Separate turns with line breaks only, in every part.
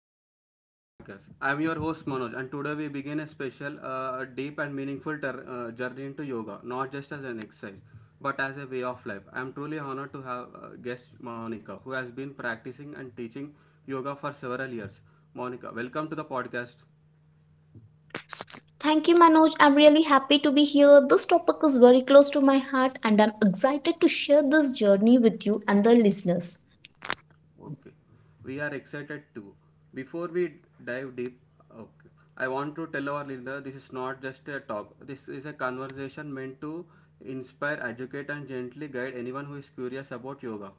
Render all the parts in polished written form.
Welcome to the podcast. I am your host Manoj, and today we begin a special, deep and meaningful journey into yoga, not just as an exercise, but as a way of life. I am truly honored to have guest Monica, who has been practicing and teaching yoga for several years. Monica, welcome to the podcast.
Thank you, Manoj. I'm really happy to be here. This topic is very close to my heart, and I'm excited to share this journey with you and the listeners.
Okay, we are excited too. Before we dive deep, okay, I want to tell our leader this is not just a talk. This is a conversation meant to inspire, educate, and gently guide anyone who is curious about yoga.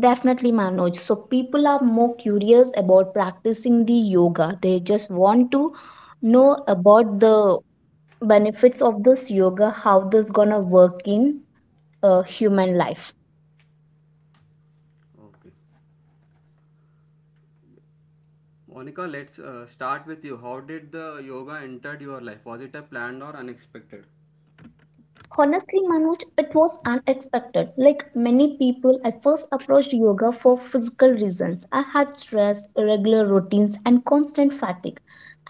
Definitely, Manoj. So, people are more curious about practicing the yoga. They just want to know about the benefits of this yoga, how this gonna work in human life.
Okay, Monica, let's start with you. How did the yoga entered your life? Was it a planned or unexpected?
Honestly, Manoj, it was unexpected. Like many people, I first approached yoga for physical reasons. I had stress, irregular routines, and constant fatigue.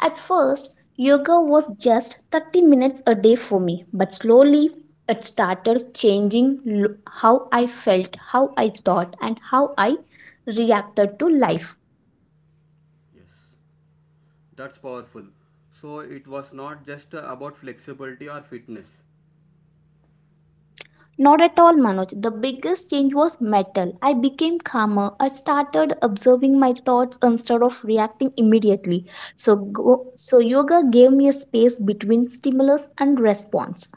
At first, yoga was just 30 minutes a day for me, but slowly it started changing how I felt, how I thought, and how I reacted to life.
Yes, that's powerful. So it was not just about flexibility or fitness.
Not at all, Manoj. The biggest change was mental. I became calmer. I started observing my thoughts instead of reacting immediately. So yoga gave me a space between stimulus and response.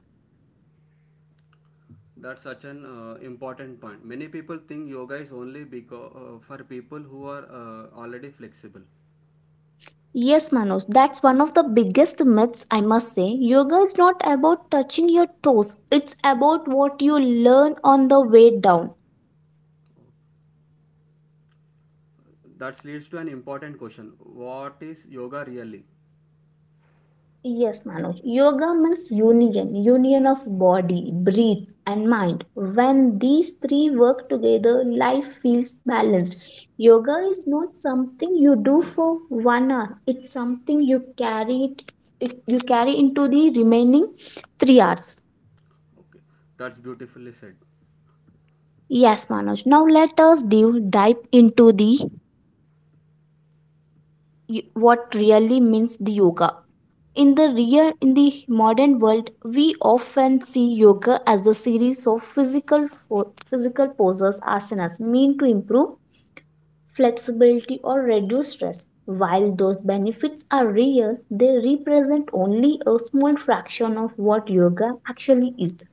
That's such an important point. Many people think yoga is only because for people who are already flexible.
Yes, Manoj, that's one of the biggest myths, I must say. Yoga is not about touching your toes, it's about what you learn on the way down.
That leads to an important question: what is yoga really?
Yes, Manoj. Yoga means union, union of body, breath, and mind. When these three work together, life feels balanced. Yoga is not something you do for 1 hour. It's something you carry into the remaining 3 hours.
Okay, that's beautifully said.
Yes, Manoj. Now let us dive into the what really means the yoga. In the
Okay.
real in the modern world, we often see yoga as a series of physical poses asanas meant to improve flexibility or reduce stress. While those benefits are real, they represent only a small fraction of what yoga actually is.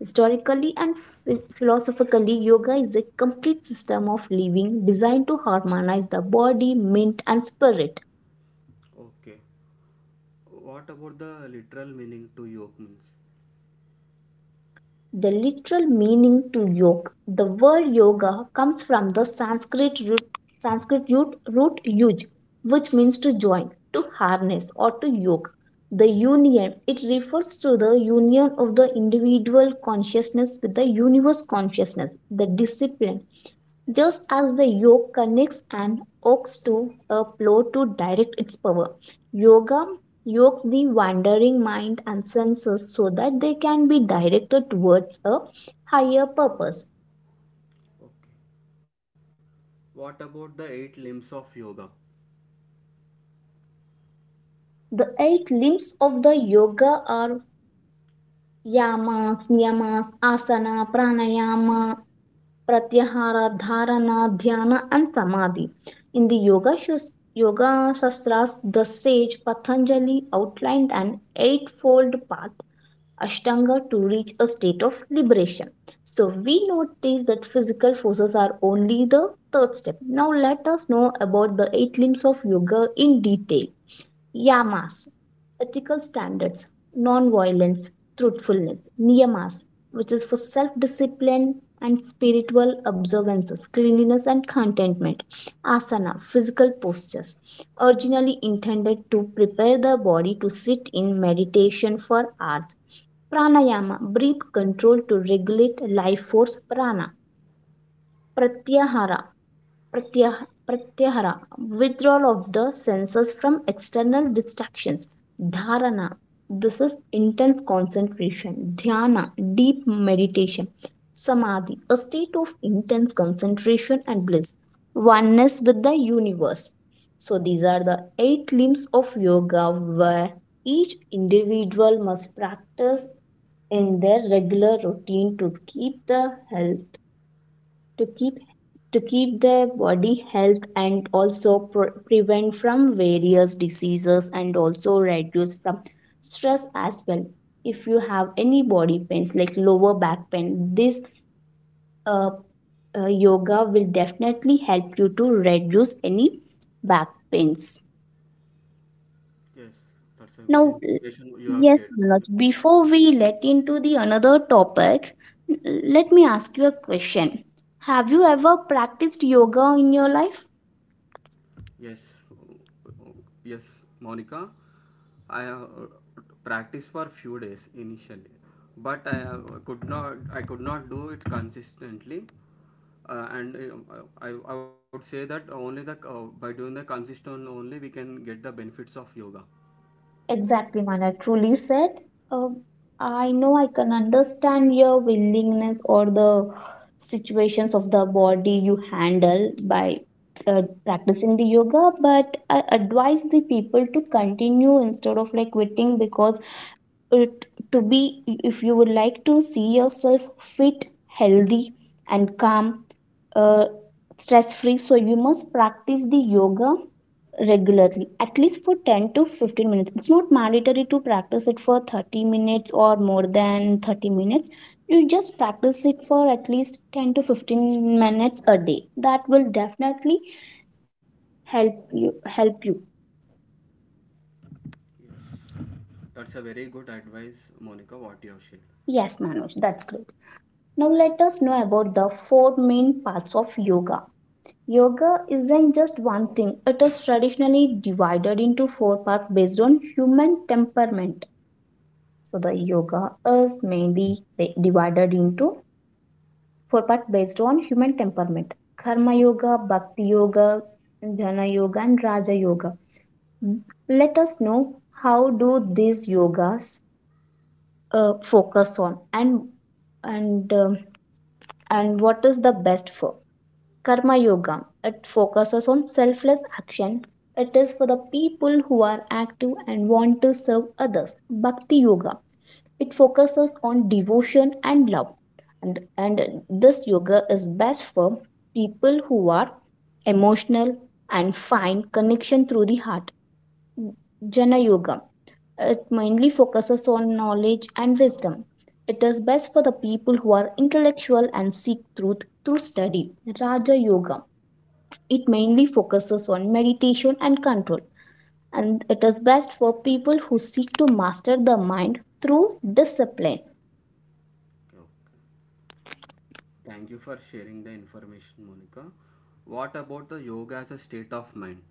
Historically and philosophically, yoga is a complete system of living designed to harmonize the body, mind, and spirit.
Okay. What about the literal meaning to yoga means?
The literal meaning to yoga, the word yoga comes from the Sanskrit root, root yuj, which means to join, to harness, or to yoke. The union, it refers to the union of the individual consciousness with the universe consciousness, the discipline just as the yoke connects an ox to a plow to direct its power, yoga yokes the wandering mind and senses so that they can be directed towards a higher purpose.
Okay. What about the eight limbs of yoga?
The eight limbs of the yoga are yamas, niyamas, asana, pranayama, pratyahara, dharana, dhyana, and samadhi. In the Yoga Shastras, the sage Patanjali outlined an eightfold path Ashtanga to reach a state of liberation. So we notice that physical forces are only the third step. Now let us know about the eight limbs of yoga in detail. Yamas, ethical standards, non-violence, truthfulness, niyamas, which is for self-discipline and spiritual observances, cleanliness and contentment. Asana, physical postures, originally intended to prepare the body to sit in meditation for hours. Pranayama, breath control to regulate life force prana. Pratyahara pratyahara withdrawal of the senses from external distractions. Dharana, this is intense concentration. Dhyana, deep meditation. Samadhi, a state of intense concentration and bliss, oneness with the universe. So these are the eight limbs of yoga where each individual must practice in their regular routine to keep the health, to keep to keep their body health and also prevent from various diseases and also reduce from stress as well. If you have any body pains like lower back pain, this uh, yoga will definitely help you to reduce any back pains.
Yes, that's
Now,
a good information
yes,
you have
Manoj,
shared.
before we let into the another topic, let me ask you a question. Have you ever practiced yoga in your life?
Yes, yes, Monica. I have practiced for few days initially, but I have, could not. I could not do it consistently, and I would say that only the by doing the consistent only we can get the benefits of yoga.
Exactly, Mana truly said. Um, I know I can understand your willingness or the situations of the body you handle by practicing the yoga, but I advise the people to continue instead of like quitting because it to be if you would like to see yourself fit, healthy, and calm, uh, stress free, so you must practice the yoga regularly, at least for 10 to 15 minutes. It's not mandatory to practice it for 30 minutes or more than 30 minutes. You just practice it for at least 10 to 15 minutes a day. That will definitely help you.
Yes, that's a very good advice, Monica. What you have shared.
Yes, Manoj, that's great. Now let us know about the four main parts of yoga. Yoga isn't just one thing. It is traditionally divided into four parts based on human temperament. So the yoga is mainly divided into for part based on human temperament. Karma Yoga, Bhakti Yoga, Jnana Yoga, and Raja Yoga. Hmm. Let us know how do these yogas focus on and um, and what is the best for. Karma Yoga, it focuses on selfless action. It is for the people who are active and want to serve others. Bhakti Yoga, it focuses on devotion and love. And this yoga is best for people who are emotional and find connection through the heart. Jnana Yoga. It mainly focuses on knowledge and wisdom. It is best for the people who are intellectual and seek truth through study. Raja Yoga. It mainly focuses on meditation and control. And it is best for people who seek to master the mind through discipline.
Okay. Thank you for sharing the information, Monica. What about the yoga as a state of mind?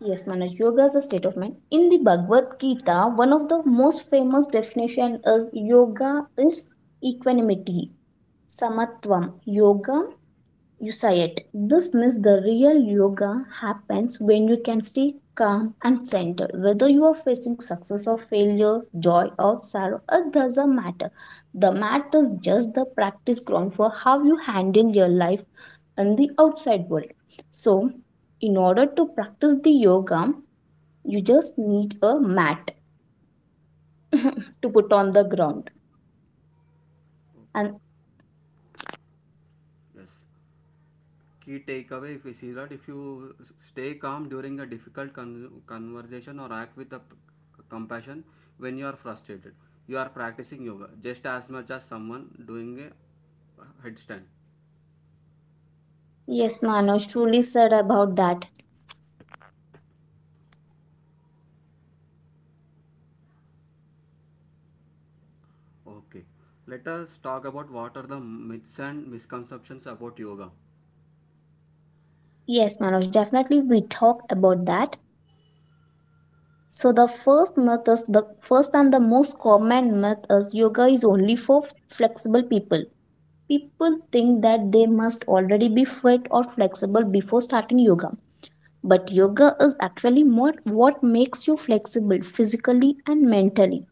Yes, Manoj, yoga is a state of mind. In the Bhagavad Gita, one of the most famous definition is yoga is equanimity, samatvam, yoga usayat. This means the real yoga happens when you can stay calm and centered. Whether you are facing success or failure, joy or sorrow, it doesn't matter. The matter is just the practice ground for how you handle your life in the outside world. So, in order to practice the yoga, you just need a mat to put on the ground. And
Okay. Yes. Key takeaway, if you see that if you stay calm during a difficult conversation or act with a compassion when you are frustrated, you are practicing yoga just as much as someone doing a headstand.
yes, Manoj truly said about that.
Okay, let us talk about what are the myths and misconceptions about yoga.
Yes, Manoj, definitely we talked about that. So the first myth is the first and the most common myth is yoga is only for flexible people. People think that they must already be fit or flexible before starting yoga. But yoga is actually more what makes you flexible physically and mentally.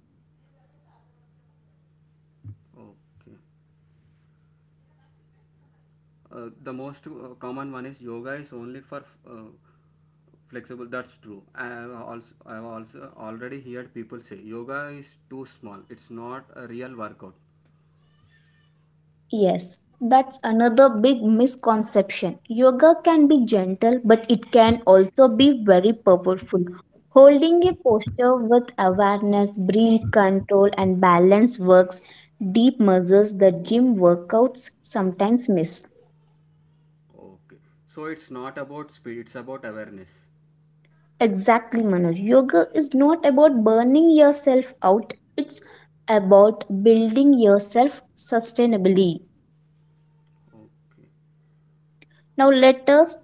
Okay. The most common one is yoga is only for uh, flexible. That's true. I have also already heard people say yoga is too small. It's not a real workout.
Yes, that's another big misconception. Yoga can be gentle, but it can also be very powerful. Holding a posture with awareness, breath control, and balance works deep muscles that gym workouts sometimes miss.
Okay. So it's not about speed. It's about awareness.
Exactly, Manoj. Yoga is not about burning yourself out, it's about building yourself sustainably.
Okay.
Now, let us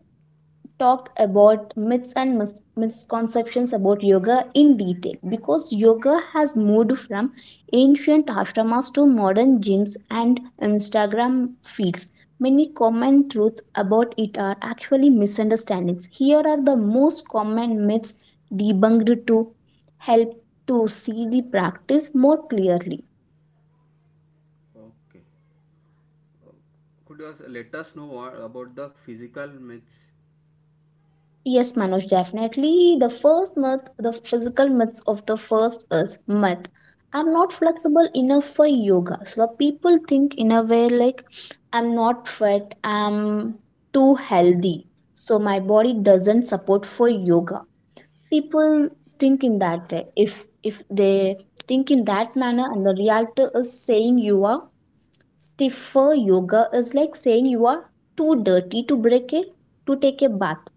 talk about myths and misconceptions about yoga in detail because yoga has moved from ancient ashramas to modern gyms and Instagram feeds. Many common truths about it are actually misunderstandings. Here are the most common myths debunked to help to see the practice more clearly.
Okay. Uh, could you also let us know what about the physical myths?
Yes, Manoj, definitely. The first myth, the physical myths of the first is myth. I'm not flexible enough for yoga. So the people think in a way like I'm not fit, I'm too healthy. So my body doesn't support for yoga. People think in that way. If they think in that manner and the reality is saying you are stiffer yoga is like saying you are too dirty to break it to take a bath.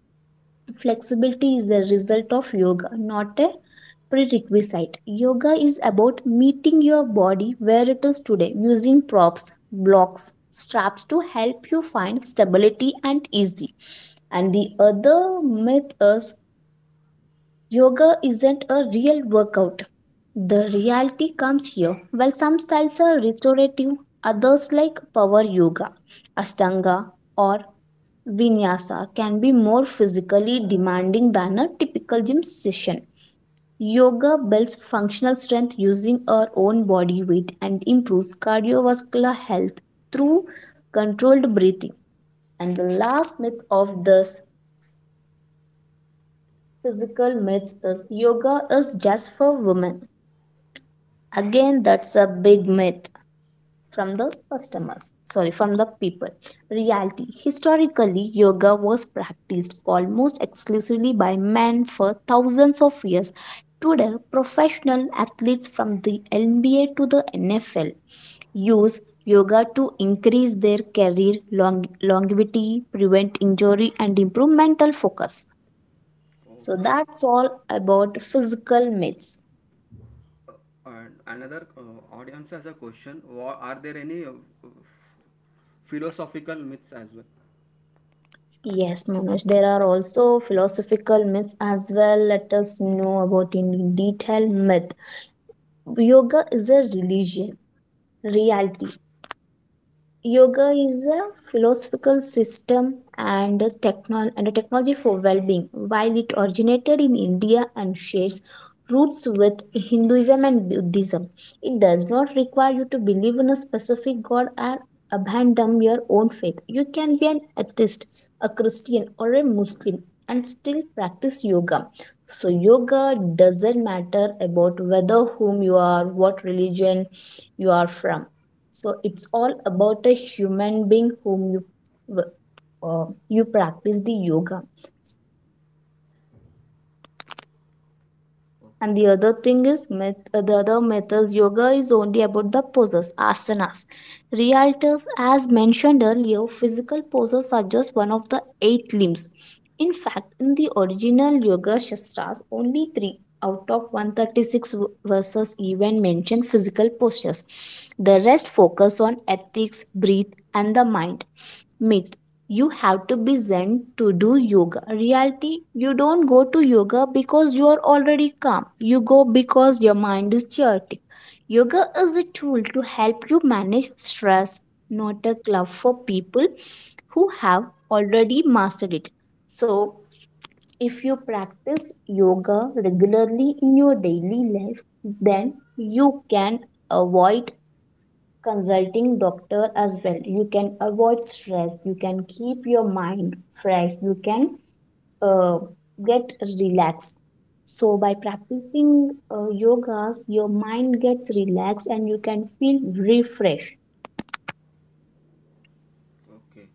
Flexibility is a result of yoga, not a prerequisite. Yoga is about meeting your body where it is today using props, blocks, straps to help you find stability and easy. And the other myth is yoga isn't a real workout. The reality comes here. While some styles are restorative, others like power yoga, ashtanga, or vinyasa can be more physically demanding than a typical gym session. Yoga builds functional strength using our own body weight and improves cardiovascular health through controlled breathing. And the last myth of this physical myths is yoga is just for women. Again, that's a big myth. from the customer from the people reality historically yoga was practiced almost exclusively by men for thousands of years. Today, professional athletes from the NBA to the NFL use yoga to increase their career long- longevity, prevent injury and improve mental focus. So
Okay.
that's all about physical myths.
Uh, and another audience has a question. Are there any philosophical myths as well?
Yes, Manoj, there are also philosophical myths as well. Let us know about in detail myth. Yoga is a religion, reality, yoga is a philosophical system and a, and a technology for well being. While it originated in India and shares roots with Hinduism and Buddhism, it does not require you to believe in a specific god or abandon your own faith. You can be an atheist, a Christian, or a Muslim and still practice yoga. So, yoga doesn't matter about whether whom you are, what religion you are from, so it's all about a human being whom you w- you practice the yoga. And the other thing is, the other methods yoga is only about the poses, asanas. Realtors, as mentioned earlier, physical poses are just one of the eight limbs. In fact, in the original yoga shastras, only three out of 136 verses even mention physical postures. The rest focus on ethics, breath, and the mind. Myth, you have to be zen to do yoga. Reality, you don't go to yoga because you are already calm. You go because your mind is chaotic. Yoga is a tool to help you manage stress, not a club for people who have already mastered it. So, if you practice yoga regularly in your daily life, then you can avoid consulting doctor, as well you can avoid stress, you can keep your mind fresh, you can uh, get relaxed. So by practicing yogas your mind gets relaxed and you can feel refreshed.
Okay.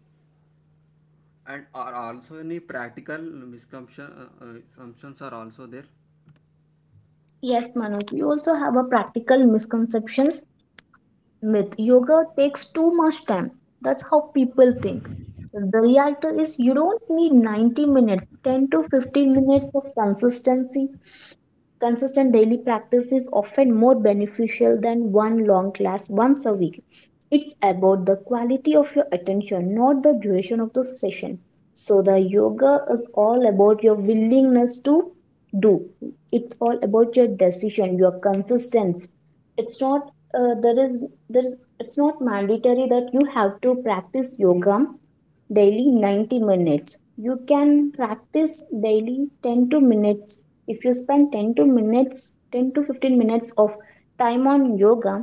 And are also any practical misconception assumptions are also there?
Yes, Manoj, we also have a practical misconceptions. Myth: yoga takes too much time. That's how people think. The reality is you don't need 90 minutes, 10 to 15 minutes of consistency. Consistent daily practice is often more beneficial than one long class once a week. It's about the quality of your attention, not the duration of the session. So, the yoga is all about your willingness to do, it's all about your decision, your consistency. It's not there is there is It's not mandatory that you have to practice yoga daily 90 minutes, you can practice daily 10 to minutes. If you spend 10 to minutes, 10 to 15 minutes of time on yoga,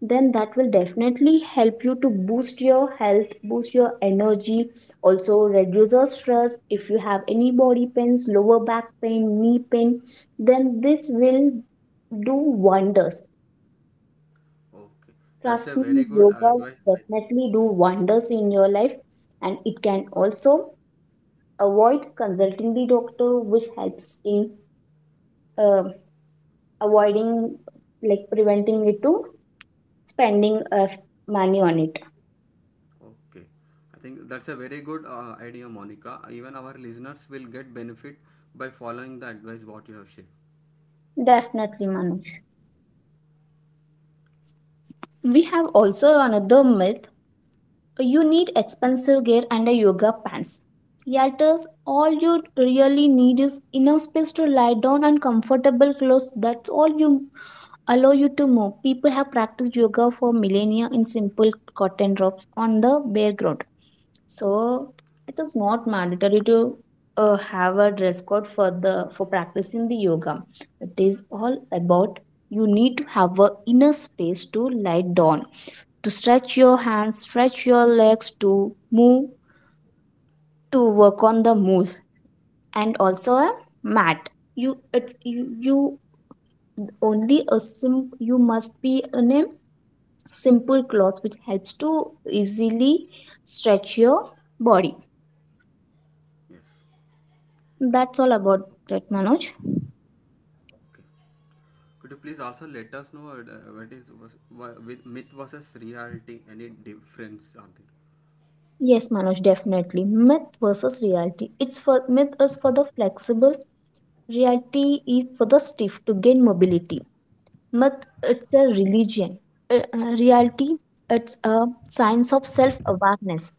then that will definitely help you to boost your health, boost your energy, also reduce your stress. If you have any body pains, lower back pain, knee pain, then this will do wonders.
Okay, that's a
Trust
very
me,
good
yoga
advice, I think.
definitely do
Yes.
wonders in your life, and it can also avoid consulting the doctor, which helps in uh, avoiding, like preventing it to spending money on it.
Okay, I think that's a very good idea, Monica. Even our listeners will get benefit by following the advice what you have shared.
Definitely, Manoj. We have also another myth: you need expensive gear and a yoga pants. Yet, is all you really need is enough space to lie down and comfortable clothes. That's all you allow you to move. People have practiced yoga for millennia in simple cotton robes on the bare ground. So it is not mandatory to have a dress code for the for practicing the yoga. It is all about you need to have a inner space to lie down, to stretch your hands, stretch your legs, to move, to work on the moves, and also a mat. You it's you, you only a sim You must be in a simple cloth which helps to easily stretch your body.
Yes.
That's all about that, Manoj.
Okay. Could you please also let us know what is was- wha- with myth versus reality? Any difference are there?
Yes, Manoj, definitely. Myth versus reality. It's for myth is for the flexible, reality is for the stiff to gain mobility. Myth: it's a religion. Reality: it's a science of self awareness.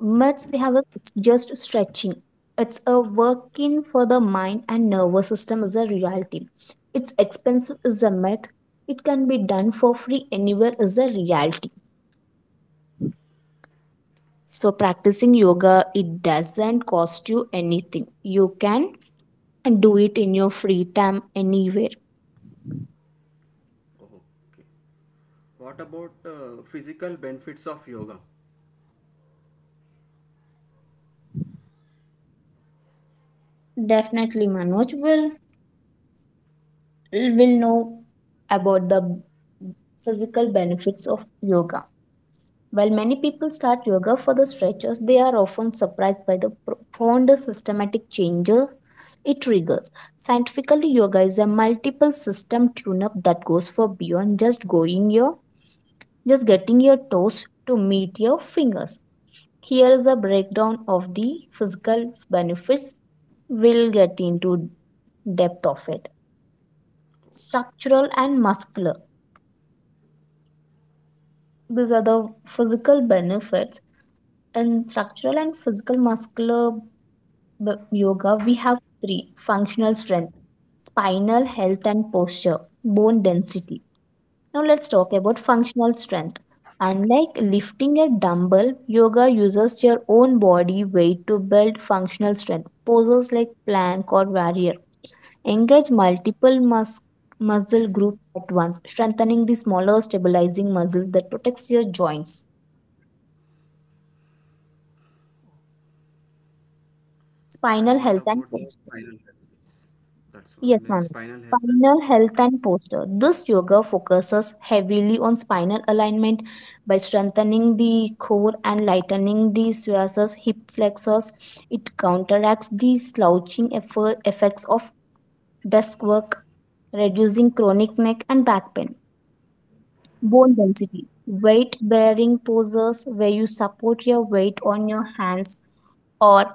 Myths, it's just stretching. It's a working for the mind and nervous system is a reality. It's expensive is a myth. It can be done for free anywhere is a reality. So, practicing yoga, it doesn't cost you anything. You can do it in your free time anywhere.
Okay. What about physical benefits of yoga?
Definitely, Manoj, will know about the physical benefits of yoga. While many people start yoga for the stretches, they are often surprised by the profound systematic changes it triggers. Scientifically, yoga is a multiple system tune-up that goes for beyond just getting your toes to meet your fingers. Here is a breakdown of the physical benefits. We'll get into depth of it. Structural and muscular. These are the physical benefits. In structural and physical muscular yoga, we have three: functional strength, spinal health and posture, bone density. Now let's talk about functional strength. Unlike lifting a dumbbell, yoga uses your own body weight to build functional strength. Poses like plank or warrior engage multiple muscle groups at once, strengthening the smaller stabilizing muscles that protects your joints,
And
spinal
what
health and
about the
function.
spinal health? That's
Yes,
one in
ma'am.
spinal health and
Spinal
future
health
health.
and posture. This yoga focuses heavily on spinal alignment by strengthening the core and lightening the psoas, hip flexors. It counteracts the slouching effects of desk work, reducing chronic neck and back pain. Bone density. Weight bearing poses where you support your weight on your hands or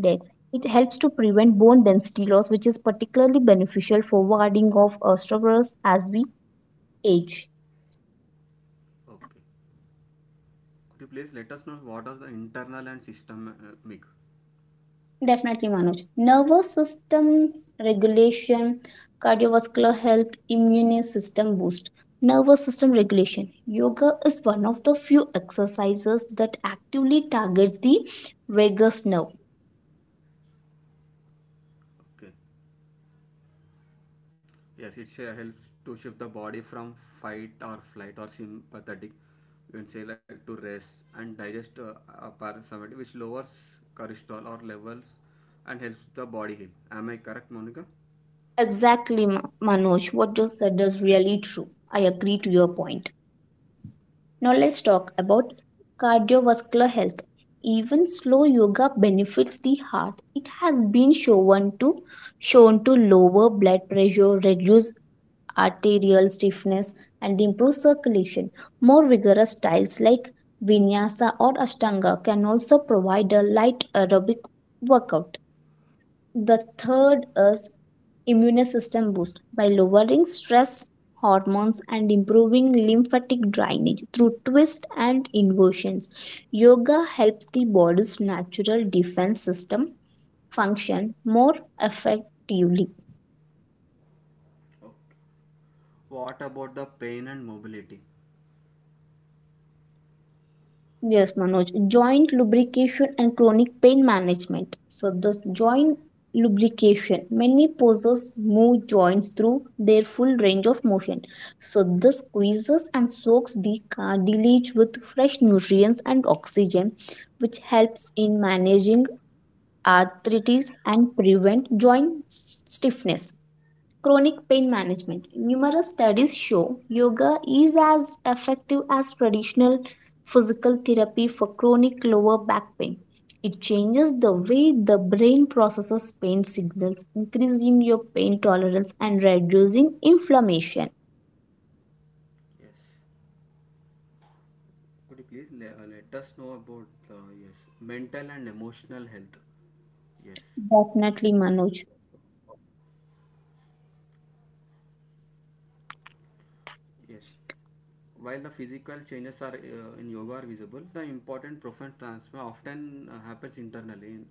Dex. It helps to prevent bone density loss, which is particularly beneficial for warding off osteoporosis as we age.
Okay. Could you please let us know what are the internal and systemic?
Definitely, Manoj. Nervous system regulation, cardiovascular health, immune system boost. Nervous system regulation. Yoga is one of the few exercises that actively targets the vagus nerve.
Okay. Yes, it helps to shift the body from fight or flight or sympathetic, you can say, like to rest and digest, parasympathetic, which lowers cholesterol or levels and helps the body heal. Am I correct, Monica?
Exactly, Manoj. What you said is really true. I agree to your point. Now let's talk about cardiovascular health. Even slow yoga benefits the heart. It has been shown to lower blood pressure, reduce arterial stiffness, and improve circulation. More rigorous styles like vinyasa or ashtanga can also provide a light aerobic workout. The third is immune system boost. By lowering stress hormones and improving lymphatic drainage through twists and inversions, yoga helps the body's natural defense system function more effectively.
Oh, what about the pain and mobility?
Yes, Manoj. Joint lubrication and chronic pain management. So, this joint lubrication, many poses move joints through their full range of motion. So, this squeezes and soaks the cartilage with fresh nutrients and oxygen, which helps in managing arthritis and prevent joint stiffness. Chronic pain management. Numerous studies show yoga is as effective as traditional physical therapy for chronic lower back pain. It changes the way the brain processes pain signals, increasing your pain tolerance and reducing inflammation.
Yes. Could you please let, let us know about yes, mental and emotional health? Yes,
Definitely, Manoj.
yes. While the physical changes are in yoga are visible, the important profound transfer often happens internally. In,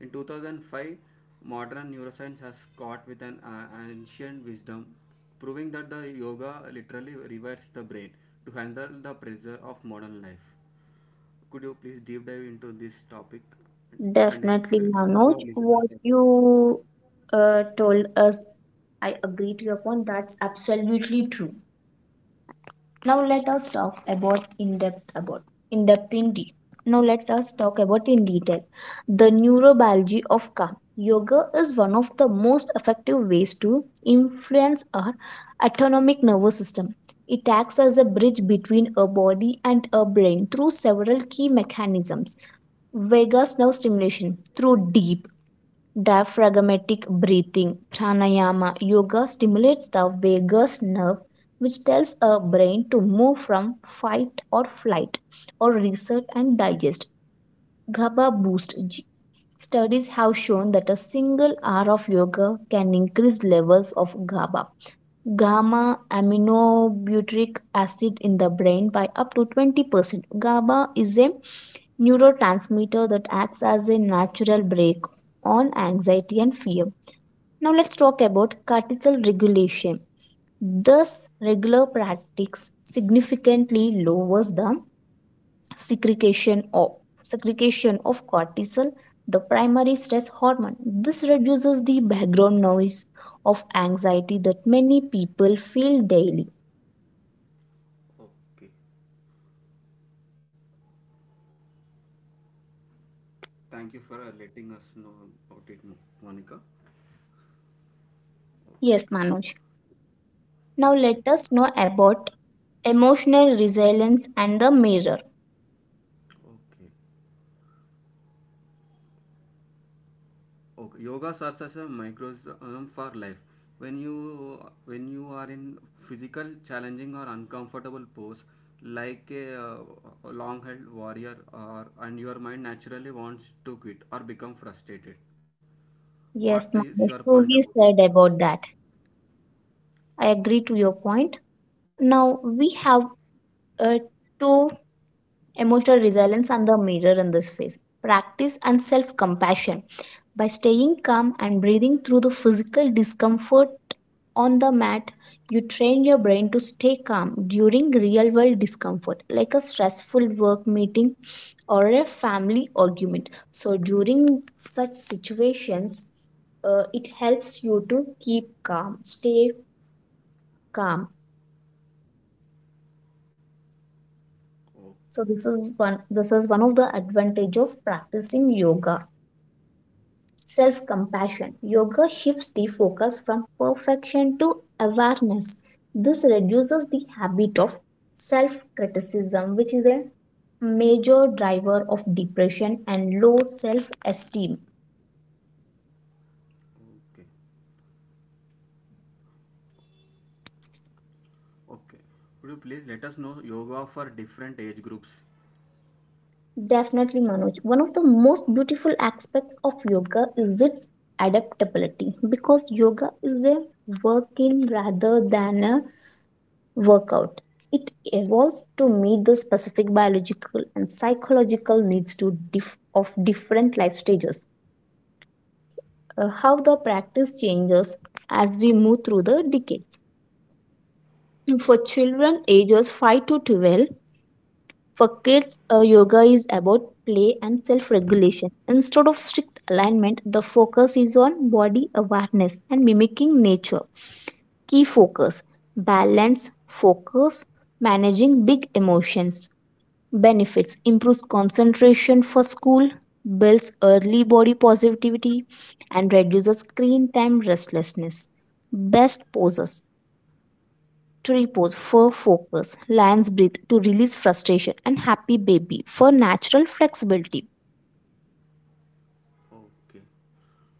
in 2005, modern neuroscience has caught with an ancient wisdom, proving that the yoga literally rewires the brain to handle the pressure of modern life. Could you please deep dive into this topic and
Definitely,
explain to
Manoj.
our listeners
What
that—
you told us, I agree to your point. That's absolutely true. Now let us talk about in depth, about in depth, in deep. Now let us talk about in detail the neurobiology of calm. Yoga is one of the most effective ways to influence our autonomic nervous system. It acts as a bridge between a body and a brain through several key mechanisms. Vagus nerve stimulation through deep diaphragmatic breathing pranayama. Yoga stimulates the vagus nerve, which tells our brain to move from fight or flight or reset and digest. GABA boost. Studies have shown that a single hour of yoga can increase levels of GABA, gamma aminobutyric acid, in the brain by up to 20%. GABA is a neurotransmitter that acts as a natural brake on anxiety and fear. Now let's talk about cortisol regulation. Thus, regular practice significantly lowers the secretion of secretion of cortisol, the primary stress hormone. This reduces the background noise of anxiety that many people feel daily.
Okay. Thank you for letting us know about it, Monica.
Yes, Manoj. Now
Okay,
let us know about emotional resilience and the mirror.
okay, okay. Yogas are such a microcosm for life. When you when you are in physical challenging or uncomfortable pose, like a, long-held warrior, or and your mind naturally wants to quit or become frustrated. What is
Yes,
your
Manoj.
point about it?
Truly said about that. I agree to your point. Now we have uh, to emotional resilience and the mirror in this phase. Practice and self compassion: by staying calm and breathing through the physical discomfort on the mat, you train your brain to stay calm during real world discomfort, like a stressful work meeting or a family argument. So, during such situations, it helps you to keep calm, stay calm.
Oh,
So, this is one. This is one of the advantage of practicing yoga. Self compassion. Yoga shifts the focus from perfection to awareness. This reduces the habit of self criticism, which is a major driver of depression and low self esteem.
okay, okay. Would you please let us know yoga for different age groups?
Definitely, Manoj. One of the most beautiful aspects of yoga is its adaptability because yoga is a working rather than a workout. It evolves to meet the specific biological and psychological needs to of different life stages. How the practice changes as we move through the decades. For children ages 5 to 12, for kids, yoga is about play and self regulation. Instead of strict alignment, the focus is on body awareness and mimicking nature. Key focus: balance, focus, managing big emotions. Benefits: improves concentration for school, builds early body positivity, and reduces screen time restlessness. Best poses: tree pose for focus, lion's breath to release frustration, and happy baby for natural flexibility.
Okay.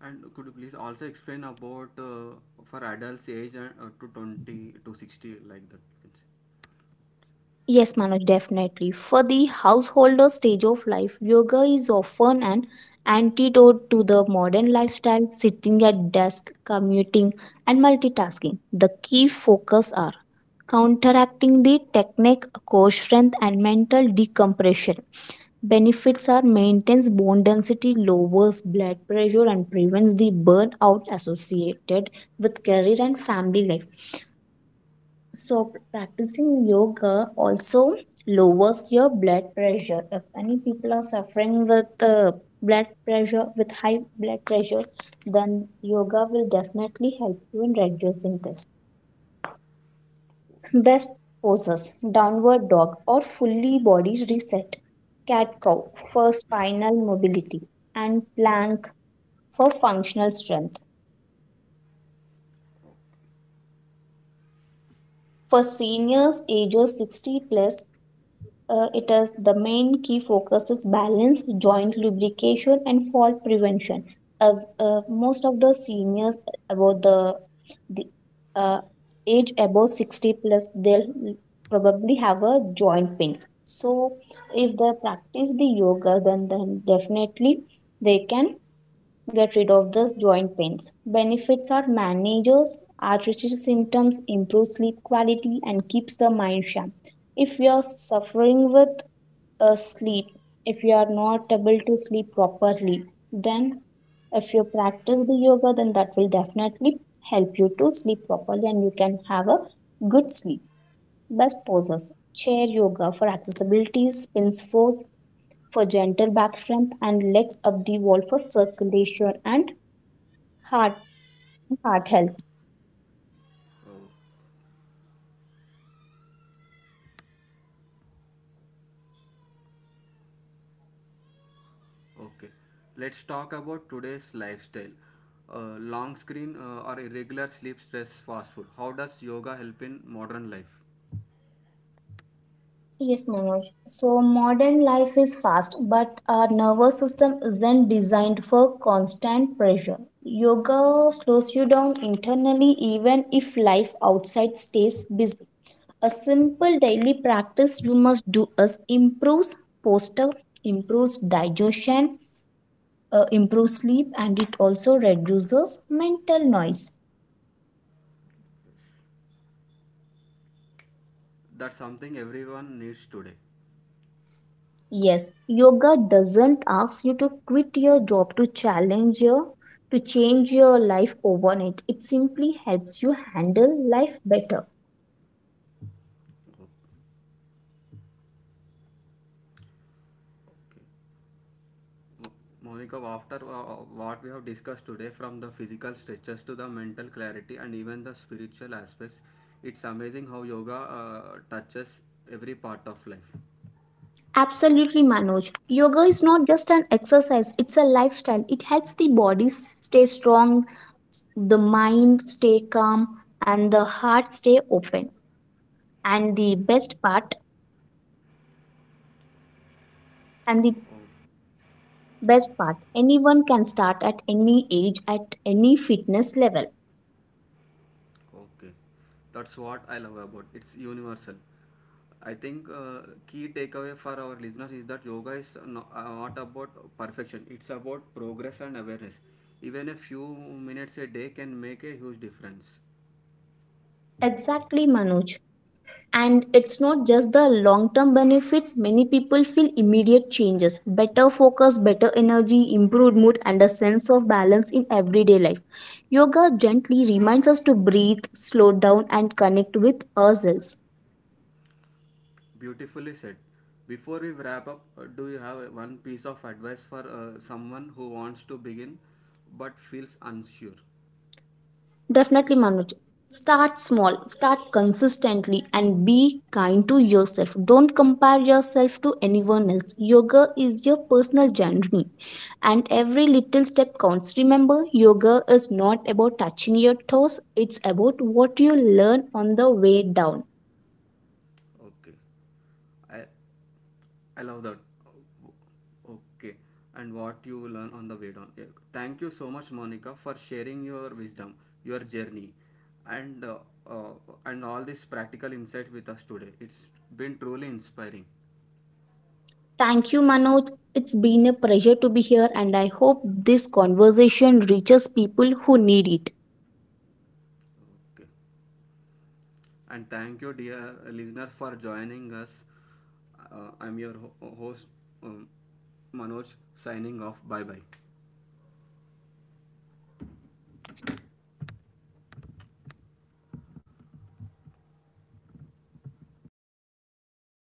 And could you please also explain about for adults age and, to 20 to 60, like that you can say.
Yes, Manoj. Definitely, for the householder stage of life, yoga is often an antidote to the modern lifestyle: sitting at desk, commuting, and multitasking. The key focus are counteracting the technique, core strength, and mental decompression. Benefits are: maintains bone density, lowers blood pressure, and prevents the burnout associated with career and family life. So practicing yoga also lowers your blood pressure. If any people are suffering with blood pressure with high blood pressure, then yoga will definitely help you in reducing this. Best poses: downward dog or fully body reset, cat cow for spinal mobility, and plank for functional strength. For seniors ages 60 plus, it is the main key focus is balance, joint lubrication, and fault prevention. Of most of the seniors, about the uh, age above 60 plus, they'll probably have a joint pain. So if they practice the yoga, then definitely they can get rid of those joint pains. Benefits are: manages arthritis symptoms, improves sleep quality, and keeps the mind sharp. If you are suffering with a sleep, if you are not able to sleep properly, then if you practice the yoga, then that will definitely help you to sleep properly and you can have a good sleep. Best poses: chair yoga for accessibility, spins force for gentle back strength, and legs up the wall for circulation and Heart, heart health.
Oh, okay, let's talk about today's lifestyle. Long screen or irregular sleep, stress, fast food. How does yoga help in modern life?
Yes, Manoj. So modern life is fast, but our nervous system isn't designed for constant pressure. Yoga slows you down internally even if life outside stays busy. A simple daily practice you must do is improves posture, improves digestion, improves sleep, and it also reduces mental noise.
That's something everyone needs today.
Yes, yoga doesn't ask you to quit your job, to challenge your to change your life overnight. It simply helps you handle life better.
Okay. Monica, after what we have discussed today, from the physical stretches to the mental clarity and even the spiritual aspects, it's amazing how yoga touches every part of life.
Absolutely, Manoj. Yoga is not just an exercise, it's a lifestyle. It helps the body stay strong, the mind stay calm, and the heart stay open. And the best part, and the
Oh,
best part, anyone can start at any age, at any fitness level.
okay. That's what I love about, it's universal. I think key takeaway for our listeners is that yoga is not about perfection. It's about progress and awareness. Even a few minutes a day can make a huge difference.
Exactly, Manoj. And it's not just the long term benefits, many people feel immediate changes: better focus, better energy, improved mood, and a sense of balance in everyday life. Yoga gently reminds us to breathe, slow down, and connect with ourselves.
Beautifully said. Before we wrap up, do you have one piece of advice for someone who wants to begin but feels unsure?
Definitely, Manoj. Start small, start consistently, and be kind to yourself. Don't compare yourself to anyone else. Yoga is your personal journey, and every little step counts. Remember, yoga is not about touching your toes, it's about what you learn on the way down.
Okay. I I love that. Okay, and what you learn on the way down. Yeah. Thank you so much, Monica, for sharing your wisdom, your journey, and uh, uh, and all this practical insight with us today. It's been truly inspiring.
Thank you, Manoj. It's been a pleasure to be here, and I hope this conversation reaches people who need it.
Okay, and thank you, dear listener, for joining us. I'm your host, um, Manoj, signing off. Bye bye.